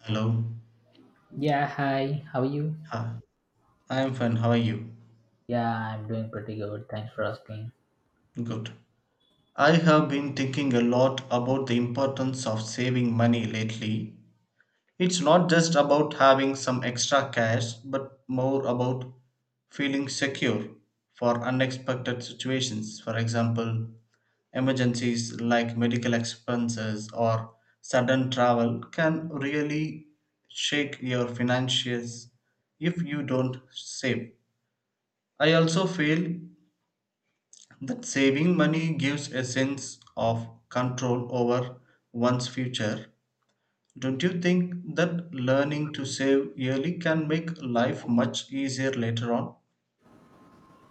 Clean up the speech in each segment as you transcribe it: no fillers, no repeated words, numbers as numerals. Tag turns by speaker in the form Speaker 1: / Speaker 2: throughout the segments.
Speaker 1: Hello.
Speaker 2: Yeah, hi, how are you?
Speaker 1: Hi. I am fine. How are you?
Speaker 2: Yeah, I'm doing pretty good. Thanks for asking.
Speaker 1: Good. I have been thinking a lot about the importance of saving money lately. It's not just about having some extra cash, but more about feeling secure for unexpected situations. For example, emergencies like medical expenses or sudden travel can really shake your finances if you don't save. I also feel that saving money gives a sense of control over one's future. Don't you think that learning to save early can make life much easier later on?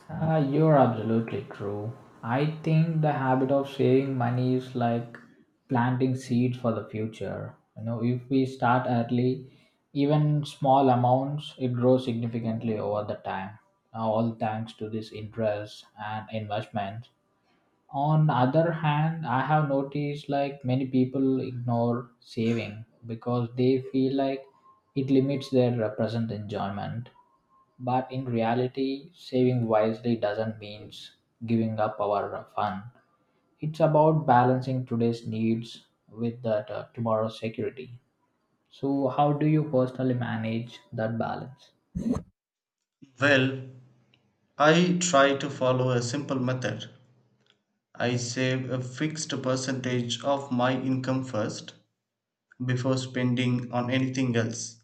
Speaker 2: You're absolutely true. I think the habit of saving money is like planting seeds for the future. You know, if we start early, even small amounts, it grows significantly over the time. All thanks to this interest and investment on other hand I have noticed like many people ignore saving because they feel like it limits their present enjoyment, but in reality saving wisely doesn't mean giving up our fun. It's about balancing today's needs with that tomorrow's security. So how do you personally manage that balance?
Speaker 1: Well, I try to follow a simple method. I save a fixed percentage of my income first before spending on anything else.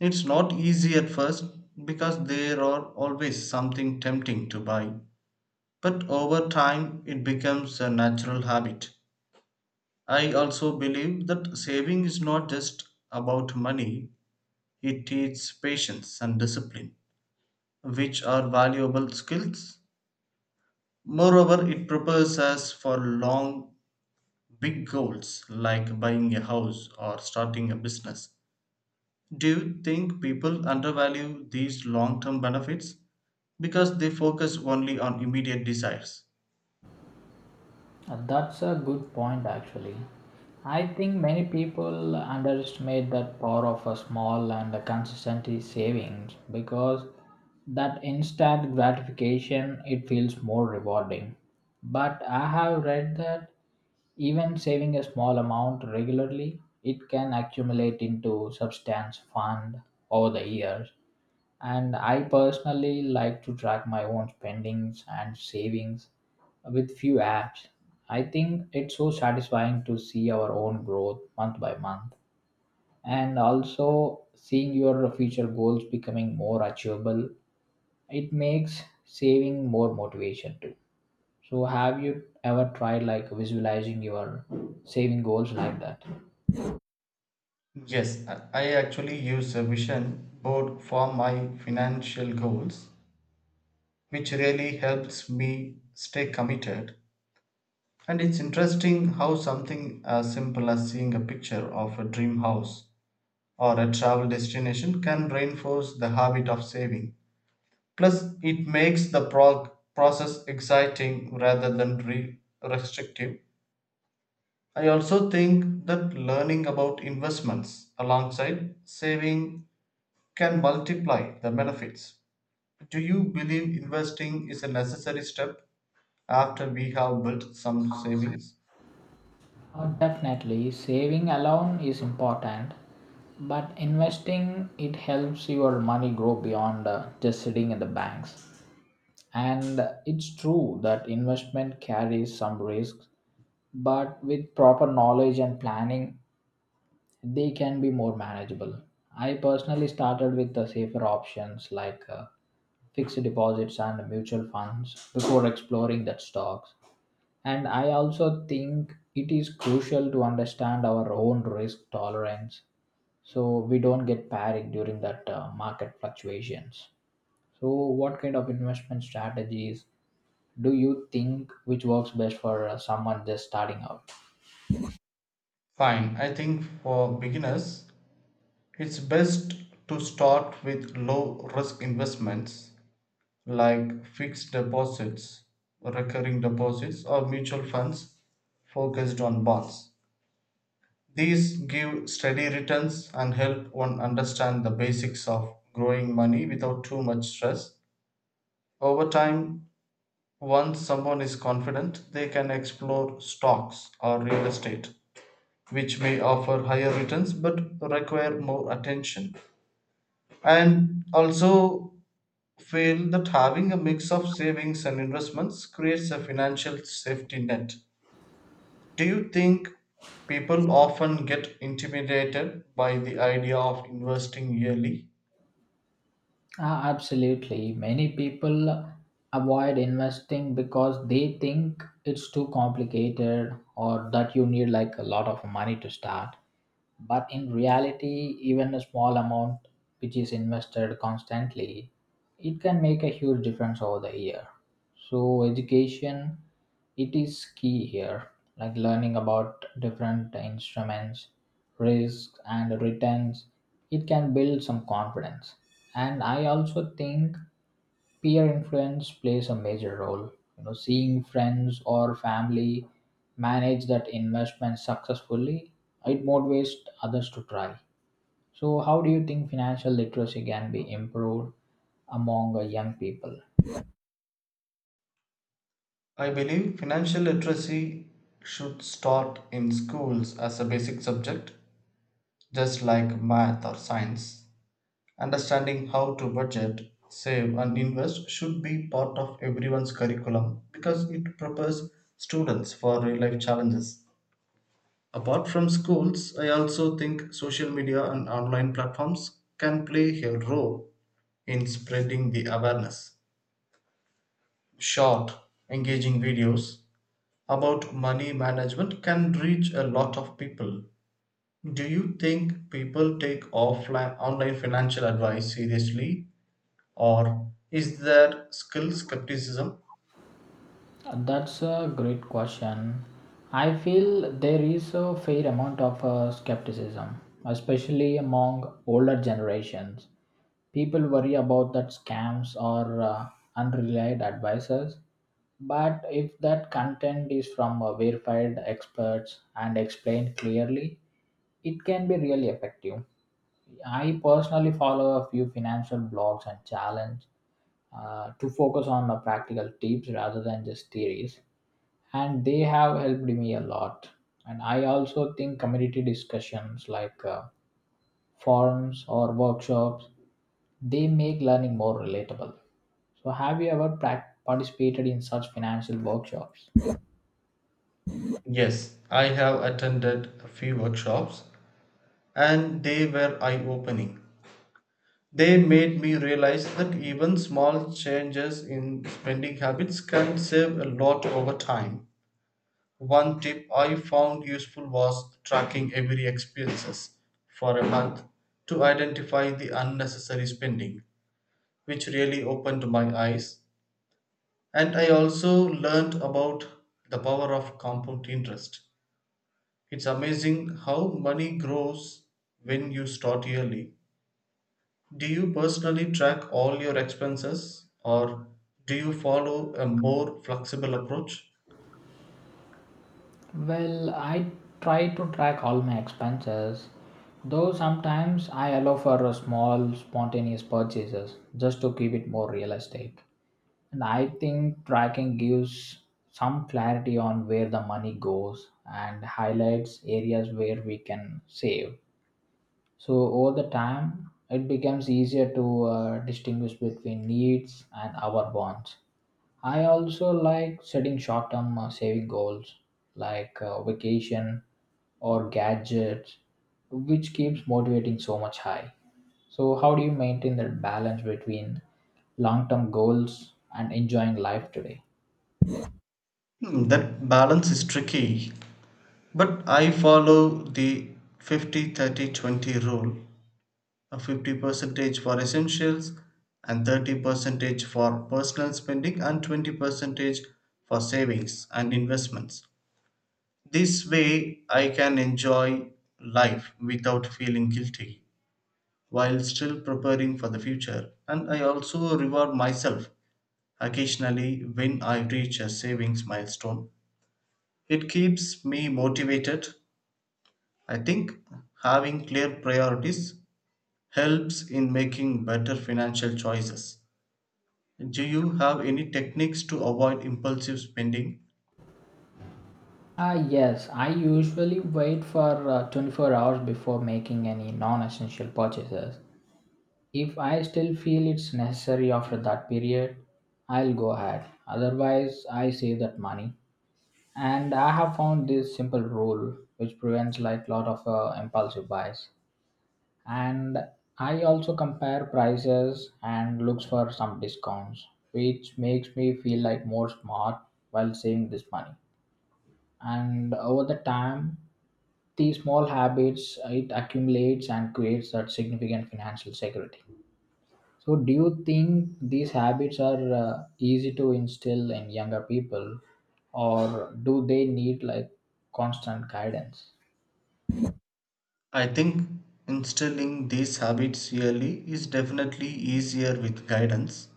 Speaker 1: It's not easy at first because there are always something tempting to buy. But over time, it becomes a natural habit. I also believe that saving is not just about money, it teaches patience and discipline, which are valuable skills. Moreover, it prepares us for long, big goals like buying a house or starting a business. Do you think people undervalue these long term benefits because they focus only on immediate desires?
Speaker 2: That's a good point, actually. I think many people underestimate that power of a small and a consistent savings because that instant gratification it feels more rewarding. But I have read that even saving a small amount regularly, it can accumulate into substance fund over the years, and I personally like to track my own spendings and savings with few apps. I think it's so satisfying to see our own growth month by month, and also seeing your future goals becoming more achievable. It makes saving more motivation too. So, have you ever tried like visualizing your saving goals like that?
Speaker 1: Yes, I actually use a vision board for my financial goals, which really helps me stay committed. And it's interesting how something as simple as seeing a picture of a dream house or a travel destination can reinforce the habit of saving. Plus, it makes the process exciting rather than restrictive. I also think that learning about investments alongside saving can multiply the benefits. Do you believe investing is a necessary step after we have built some savings?
Speaker 2: Definitely, saving alone is important, but investing it helps your money grow beyond just sitting in the banks. And it's true that investment carries some risks, but with proper knowledge and planning, they can be more manageable. I personally started with the safer options like fixed deposits and mutual funds before exploring that stocks. And I also think it is crucial to understand our own risk tolerance so we don't get panicked during that market fluctuations. So, what kind of investment strategies do you think which works best for someone just starting out?
Speaker 1: Fine, I think for beginners, it's best to start with low risk investments like fixed deposits, recurring deposits, or mutual funds focused on bonds. These give steady returns and help one understand the basics of growing money without too much stress. Over time, once someone is confident, they can explore stocks or real estate, which may offer higher returns but require more attention. And also, feel that having a mix of savings and investments creates a financial safety net. Do you think people often get intimidated by the idea of investing yearly?
Speaker 2: Ah, absolutely. Many people avoid investing because they think it's too complicated or that you need like a lot of money to start. But in reality, even a small amount which is invested constantly, it can make a huge difference over the year. So education, it is key here, like learning about different instruments, risks and returns. It can build some confidence. And I also think peer influence plays a major role, you know, seeing friends or family manage that investment successfully, it motivates others to try. So how do you think financial literacy can be improved among young people?
Speaker 1: I believe financial literacy should start in schools as a basic subject. Just like math or science, understanding how to budget, save, and invest should be part of everyone's curriculum because it prepares students for real life challenges. Apart from schools, I also think social media and online platforms can play a role in spreading the awareness. Short, engaging videos about money management can reach a lot of people. Do you think people take offline online financial advice seriously or is there still skepticism?
Speaker 2: That's a great question. I feel there is a fair amount of skepticism, especially among older generations. People worry about that scams or unreliable advisors. But if that content is from verified experts and explained clearly, it can be really effective. I personally follow a few financial blogs and challenge to focus on the practical tips rather than just theories, and they have helped me a lot. And I also think community discussions like forums or workshops, they make learning more relatable. So, have you ever participated in such financial workshops?
Speaker 1: Yes, I have attended a few workshops and they were eye-opening. They made me realize that even small changes in spending habits can save a lot over time. One tip I found useful was tracking every expenses for a month to identify the unnecessary spending, which really opened my eyes. And I also learned about the power of compound interest. It's amazing how money grows when you start early. Do you personally track all your expenses or do you follow a more flexible approach?
Speaker 2: Well, I try to track all my expenses, though sometimes I allow for a small spontaneous purchases just to keep it more realistic. And I think tracking gives some clarity on where the money goes and highlights areas where we can save. So over the time, it becomes easier to distinguish between needs and our wants. I also like setting short term saving goals like vacation or gadgets, which keeps motivating so much high. So, how do you maintain that balance between long term goals and enjoying life today?
Speaker 1: That balance is tricky, but I follow the 50-30-20 rule. A 50% for essentials and 30% for personal spending and 20% for savings and investments. This way, I can enjoy life without feeling guilty while still preparing for the future. And I also reward myself occasionally when I reach a savings milestone. It keeps me motivated. I think having clear priorities helps in making better financial choices. Do you have any techniques to avoid impulsive spending?
Speaker 2: Ah, yes, I usually wait for 24 hours before making any non essential purchases. If I still feel it's necessary after that period, I'll go ahead. Otherwise, I save that money. And I have found this simple rule which prevents like lot of impulsive buys. And I also compare prices and looks for some discounts, which makes me feel like more smart while saving this money. And over the time, these small habits it accumulates and creates that significant financial security. So, do you think these habits are easy to instill in younger people, or do they need like constant guidance?
Speaker 1: I think instilling these habits early is definitely easier with guidance.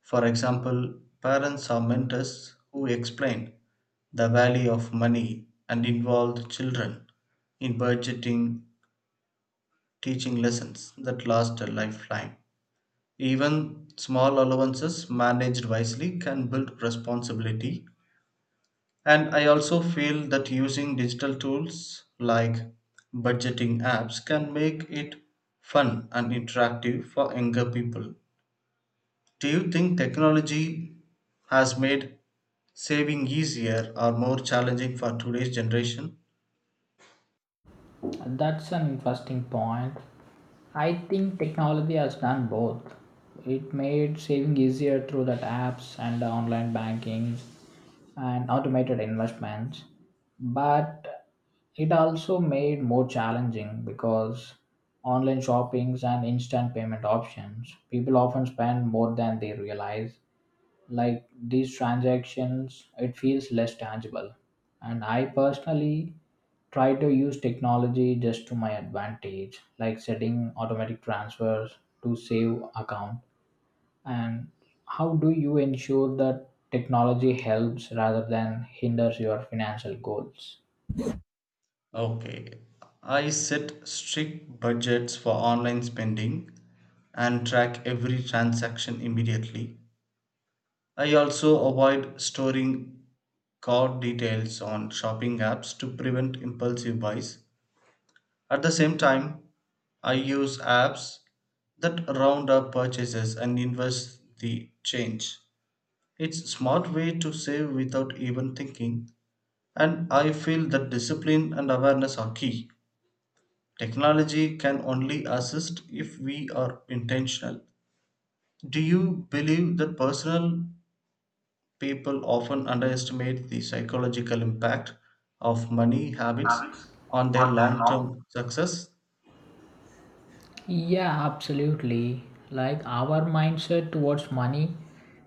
Speaker 1: For example, parents or mentors who explain the value of money and involve children in budgeting teaching lessons that last a lifetime. Even small allowances managed wisely can build responsibility. And I also feel that using digital tools like budgeting apps can make it fun and interactive for younger people. Do you think technology has made saving easier or more challenging for today's generation?
Speaker 2: That's an interesting point. I think technology has done both. It made saving easier through that apps and online banking and automated investments, but it also made more challenging because online shoppings and instant payment options, people often spend more than they realize. Like these transactions, it feels less tangible. And I personally try to use technology just to my advantage, like setting automatic transfers to save account. And how do you ensure that technology helps rather than hinders your financial goals?
Speaker 1: Okay, I set strict budgets for online spending and track every transaction immediately. I also avoid storing card details on shopping apps to prevent impulsive buys. At the same time, I use apps that round up purchases and invest the change. It's a smart way to save without even thinking, and I feel that discipline and awareness are key. Technology can only assist if we are intentional. Do you believe that personal people often underestimate the psychological impact of money habits
Speaker 2: Habits
Speaker 1: on their
Speaker 2: on their
Speaker 1: long
Speaker 2: long.
Speaker 1: term success.
Speaker 2: Yeah, absolutely. Like our mindset towards money,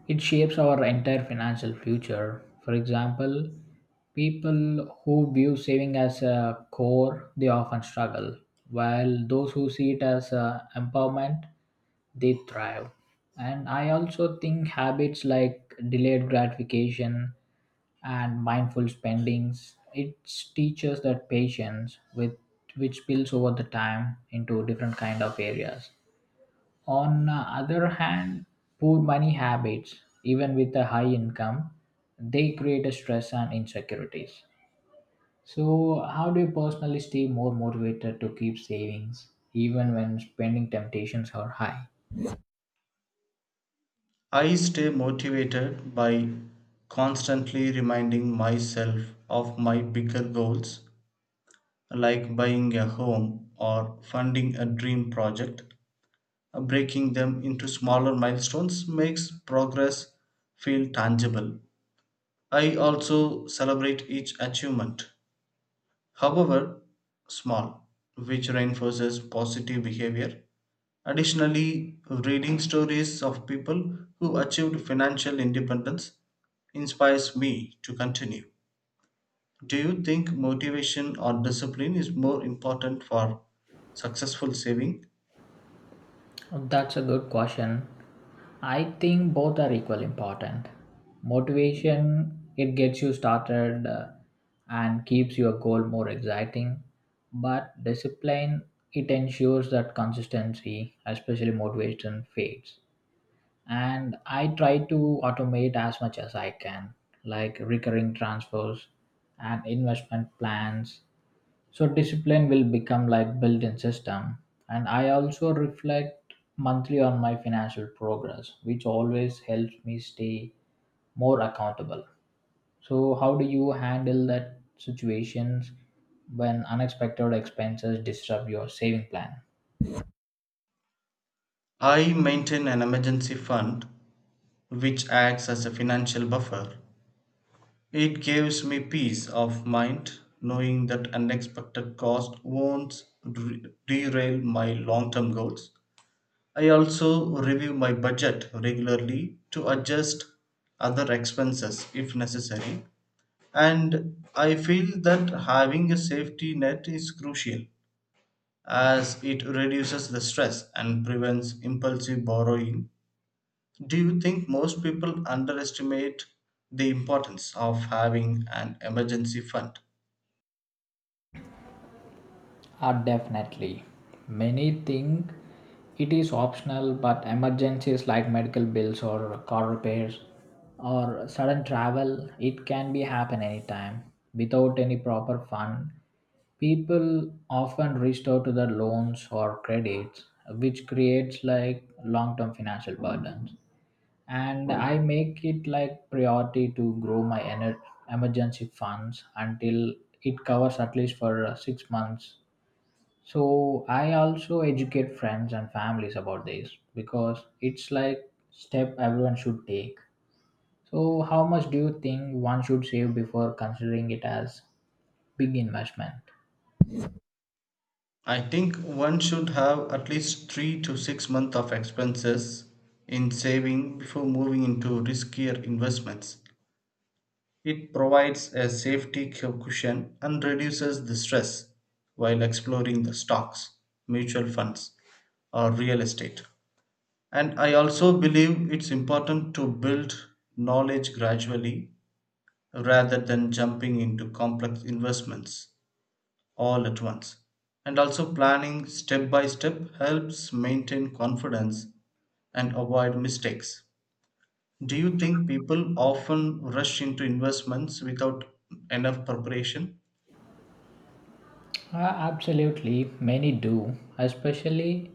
Speaker 2: it shapes our entire financial future. For example, people who view saving as a core, they often struggle, while those who see it as a empowerment, they thrive. And I also think habits like delayed gratification and mindful spendings. It teaches that patience, with which spills over the time into different kind of areas. On the other hand, poor money habits, even with a high income, they create a stress and insecurities. So, how do you personally stay more motivated to keep savings even when spending temptations are high?
Speaker 1: I stay motivated by constantly reminding myself of my bigger goals, like buying a home or funding a dream project. Breaking them into smaller milestones makes progress feel tangible. I also celebrate each achievement however small, which reinforces positive behavior. Additionally, reading stories of people who achieved financial independence inspires me to continue. Do you think motivation or discipline is more important for successful saving?
Speaker 2: That's a good question. I think both are equally important. Motivation, it gets you started, and keeps your goal more exciting, but discipline, it ensures that consistency, especially motivation, fades. And I try to automate as much as I can, like recurring transfers and investment plans, so discipline will become like built-in system. And I also reflect monthly on my financial progress, which always helps me stay more accountable. So how do you handle that situations when unexpected expenses disrupt your saving plan?
Speaker 1: I maintain an emergency fund which acts as a financial buffer. It gives me peace of mind knowing that unexpected cost won't derail my long term goals. I also review my budget regularly to adjust other expenses if necessary. And I feel that having a safety net is crucial as it reduces the stress and prevents impulsive borrowing. Do you think most people underestimate the importance of having an emergency fund?
Speaker 2: Definitely. Many think it is optional, but emergencies like medical bills or car repairs or sudden travel, it can be happen anytime without any proper fund. People often reach out to their loans or credits, which creates like long-term financial burdens. And I make it like priority to grow my emergency funds until it covers at least for 6 months. So I also educate friends and families about this because it's like step everyone should take. So how much do you think one should save before considering it as big investment?
Speaker 1: I think one should have at least 3 to 6 months of expenses in saving before moving into riskier investments. It provides a safety cushion and reduces the stress while exploring the stocks, mutual funds, or real estate. And I also believe it's important to build knowledge gradually rather than jumping into complex investments all at once. And also, planning step by step helps maintain confidence and avoid mistakes. Do you think people often rush into investments without enough preparation?
Speaker 2: Uh, Absolutely, many do, especially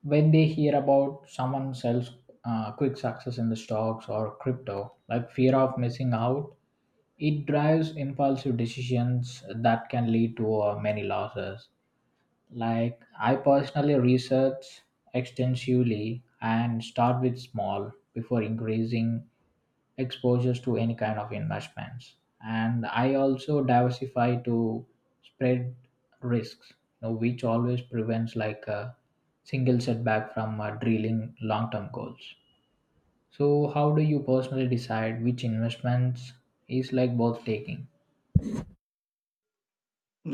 Speaker 2: when they hear about someone sells quick success in the stocks or crypto. Like fear of missing out, it drives impulsive decisions that can lead to many losses. Like I personally research extensively and start with small before increasing exposures to any kind of investments. And I also diversify to spread risks, you know, which always prevents like a single setback from drilling long-term goals. So how do you personally decide which investments is like worth taking?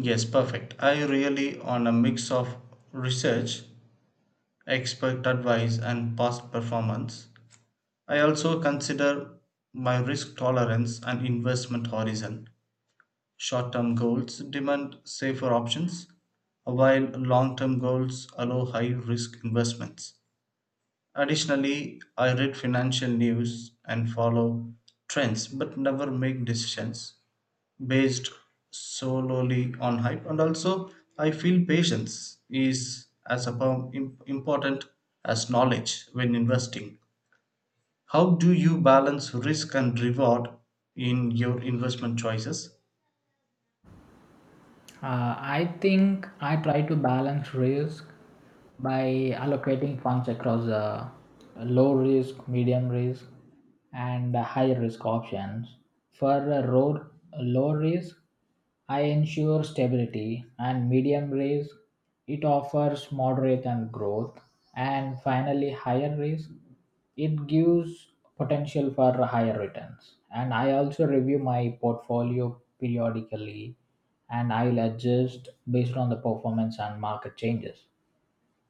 Speaker 1: Yes, perfect. I really on a mix of research, expert advice, and past performance. I also consider my risk tolerance and investment horizon. Short term goals demand safer options, while long term goals allow high risk investments. Additionally, I read financial news and follow trends but never make decisions based solely on hype. And also, I feel patience is as important as knowledge when investing. How do you balance risk and reward in your investment choices?
Speaker 2: I think I try to balance risk by allocating funds across low risk, medium risk, and high risk options. For low risk, I ensure stability, and medium risk, it offers moderate and growth. And finally, higher risk it gives potential for higher returns. And I also review my portfolio periodically, and I'll adjust based on the performance and market changes.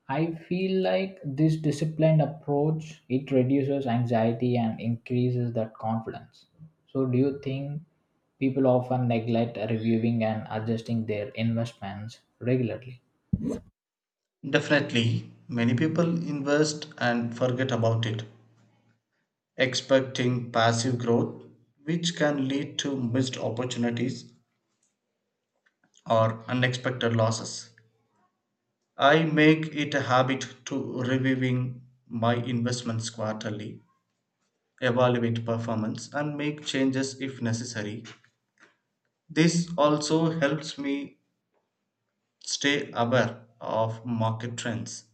Speaker 2: I feel like this disciplined approach it reduces anxiety and increases that confidence. So do you think people often neglect reviewing and adjusting their investments regularly?
Speaker 1: Definitely, many people invest and forget about it, expecting passive growth, which can lead to missed opportunities or unexpected losses. I make it a habit to reviewing my investments quarterly, evaluate performance, and make changes if necessary. This also helps me stay aware of market trends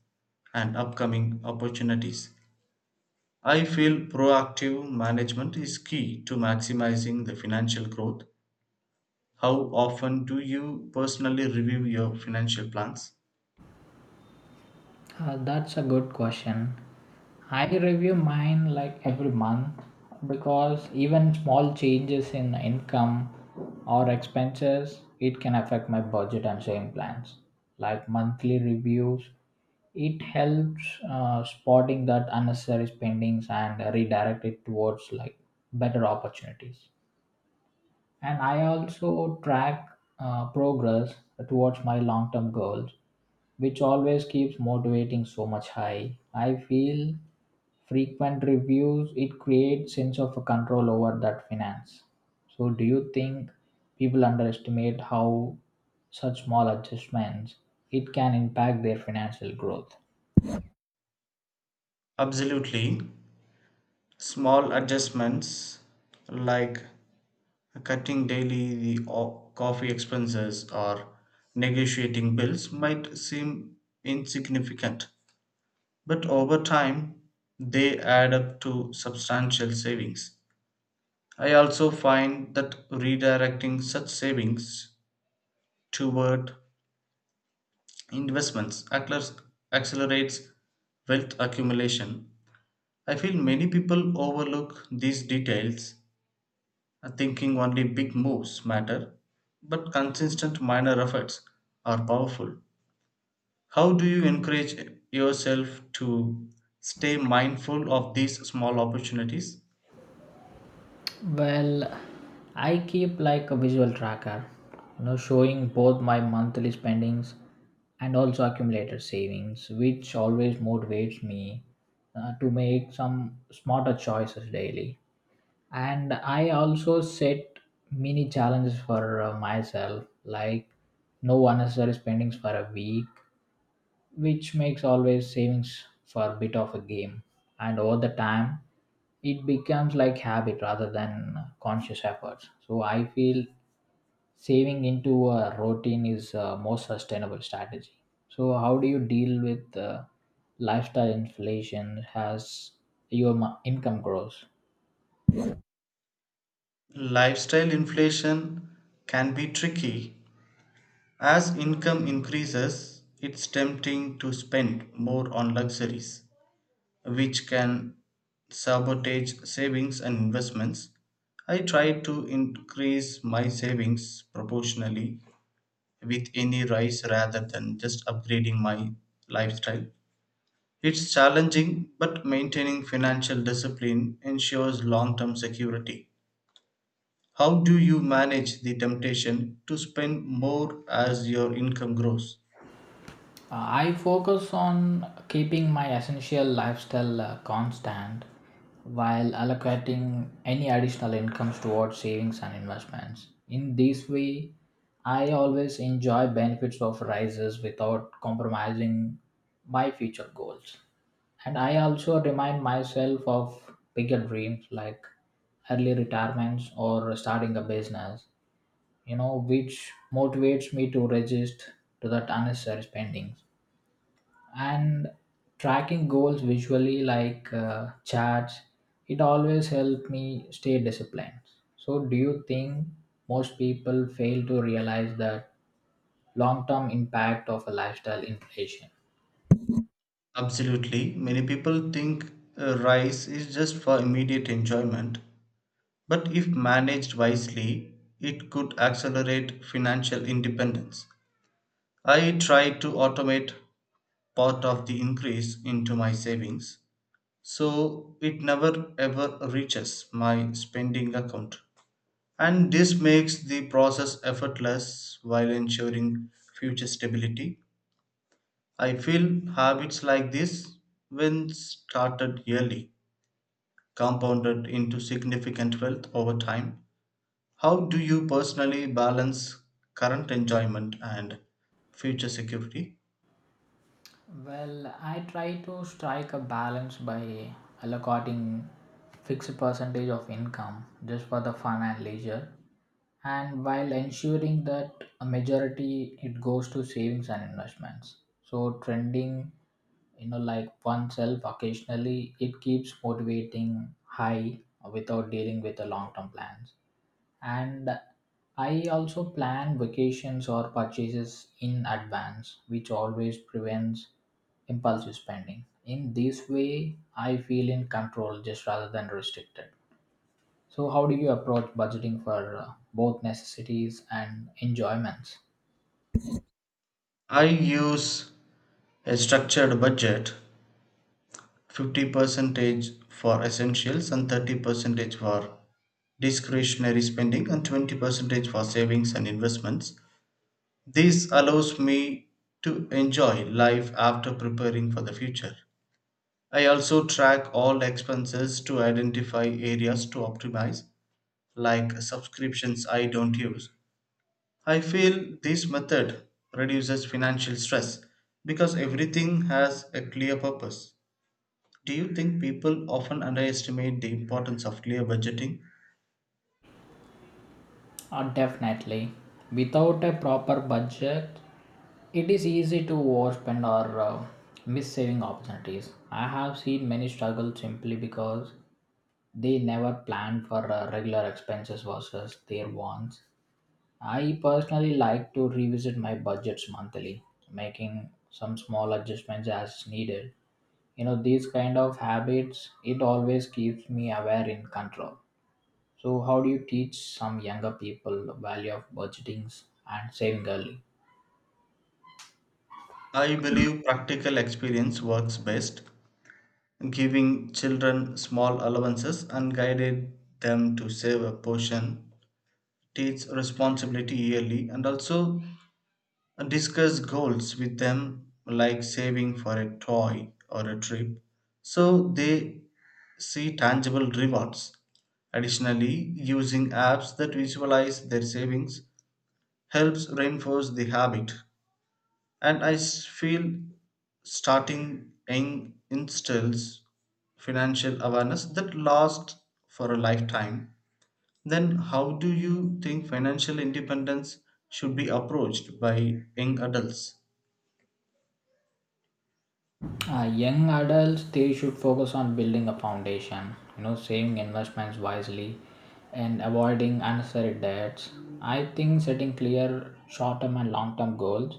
Speaker 1: and upcoming opportunities. I feel proactive management is key to maximizing the financial growth. How often do you personally review your financial plans?
Speaker 2: That's a good question. I review mine like every month because even small changes in income or expenses it can affect my budget and saving plans. Like monthly reviews, it helps spotting that unnecessary spendings and redirect it towards like better opportunities. And I also track progress towards my long term goals, which always keeps motivating so much high. I feel frequent reviews it creates sense of a control over that finance. So do you think people underestimate how such small adjustments it can impact their financial growth?
Speaker 1: Absolutely. Small adjustments like cutting daily coffee expenses or negotiating bills might seem insignificant, but over time they add up to substantial savings. I also find that redirecting such savings toward investments accelerates wealth accumulation. I feel many people overlook these details, thinking only big moves matter, but consistent minor efforts are powerful. How do you encourage yourself to stay mindful of these small opportunities?
Speaker 2: Well, I keep like a visual tracker, you know, showing both my monthly spendings and also accumulated savings, which always motivates me to make some smarter choices daily. And I also set mini challenges for myself, like no unnecessary spendings for a week, which makes always savings for a bit of a game. And over the time it becomes like habit rather than conscious efforts. So I feel saving into a routine is a more sustainable strategy. So how do you deal with lifestyle inflation as your income grows?
Speaker 1: Lifestyle inflation can be tricky. As income increases, it's tempting to spend more on luxuries, which can sabotage savings and investments. I try to increase my savings proportionally with any rise rather than just upgrading my lifestyle. It's challenging, but maintaining financial discipline ensures long term security. How do you manage the temptation to spend more as your income grows?
Speaker 2: I focus on keeping my essential lifestyle constant while allocating any additional incomes towards savings and investments. In this way, I always enjoy benefits of rises without compromising my future goals. And I also remind myself of bigger dreams like early retirements or starting a business, you know, which motivates me to resist to that unnecessary spending. And tracking goals visually like charts, it always helped me stay disciplined. So do you think most people fail to realize that long-term impact of a lifestyle inflation?
Speaker 1: Absolutely. Many people think a rise is just for immediate enjoyment, but if managed wisely, it could accelerate financial independence. I try to automate part of the increase into my savings so it never ever reaches my spending account. And this makes the process effortless while ensuring future stability. I feel habits like this, when started yearly, compounded into significant wealth over time. How do you personally balance current enjoyment and future security?
Speaker 2: Well, I try to strike a balance by allocating fixed percentage of income just for the fun and leisure, and while ensuring that a majority it goes to savings and investments. So trending, you know, like oneself occasionally, it keeps motivating high without dealing with the long-term plans. And I also plan vacations or purchases in advance, which always prevents impulsive spending. In this way I feel in control just rather than restricted. So how do you approach budgeting for both necessities and enjoyments?
Speaker 1: I use a structured budget, 50% for essentials and 30% for discretionary spending and 20% for savings and investments. This allows me to enjoy life after preparing for the future. I also track all expenses to identify areas to optimize, like subscriptions I don't use. I feel this method reduces financial stress because everything has a clear purpose. Do you think people often underestimate the importance of clear budgeting?
Speaker 2: Definitely. Without a proper budget, it is easy to overspend or miss saving opportunities. I have seen many struggle simply because they never plan for regular expenses versus their wants. I personally like to revisit my budgets monthly, making some small adjustments as needed. You know, these kind of habits, it always keeps me aware in control. So, how do you teach some younger people the value of budgeting and saving early?
Speaker 1: I believe practical experience works best, giving children small allowances and guided them to save a portion, teach responsibility yearly, and also And discuss goals with them like saving for a toy or a trip so they see tangible rewards. Additionally, using apps that visualize their savings helps reinforce the habit. And I feel starting young instills financial awareness that lasts for a lifetime. Then how do you think financial independence should be approached by young adults?
Speaker 2: Young adults they should focus on building a foundation, you know, saving investments wisely and avoiding unnecessary debts. I think setting clear short-term and long-term goals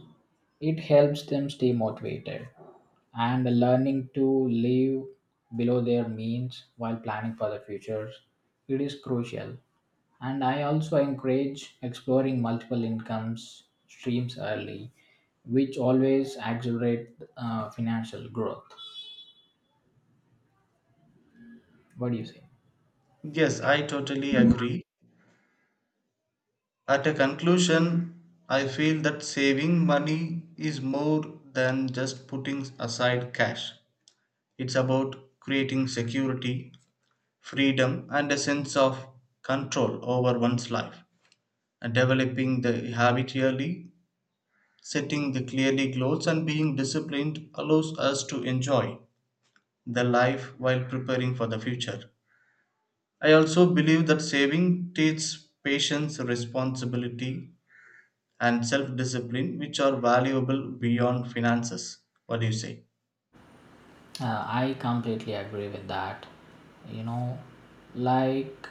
Speaker 2: it helps them stay motivated, and learning to live below their means while planning for the future it is crucial. And I also encourage exploring multiple incomes streams early, which always accelerate financial growth. What do you say?
Speaker 1: Yes, I totally agree. At a conclusion, I feel that saving money is more than just putting aside cash. It's about creating security, freedom, and a sense of control over one's life, and developing the habit early, setting the clearly goals, and being disciplined allows us to enjoy the life while preparing for the future. I also believe that saving teaches patience, responsibility, and self discipline, which are valuable beyond finances. What do you say?
Speaker 2: I completely agree with that. You know, like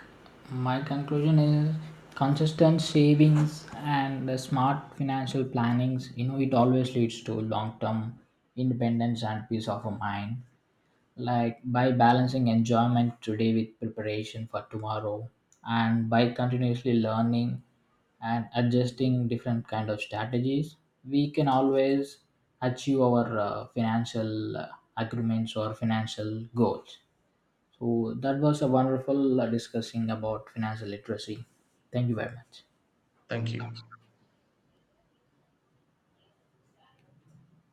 Speaker 2: my conclusion is consistent savings and the smart financial plannings, you know, it always leads to long term independence and peace of mind. Like by balancing enjoyment today with preparation for tomorrow, and by continuously learning and adjusting different kind of strategies, we can always achieve our financial agreements or financial goals. So that was a wonderful discussing about financial literacy. Thank you very much.
Speaker 1: Thank you.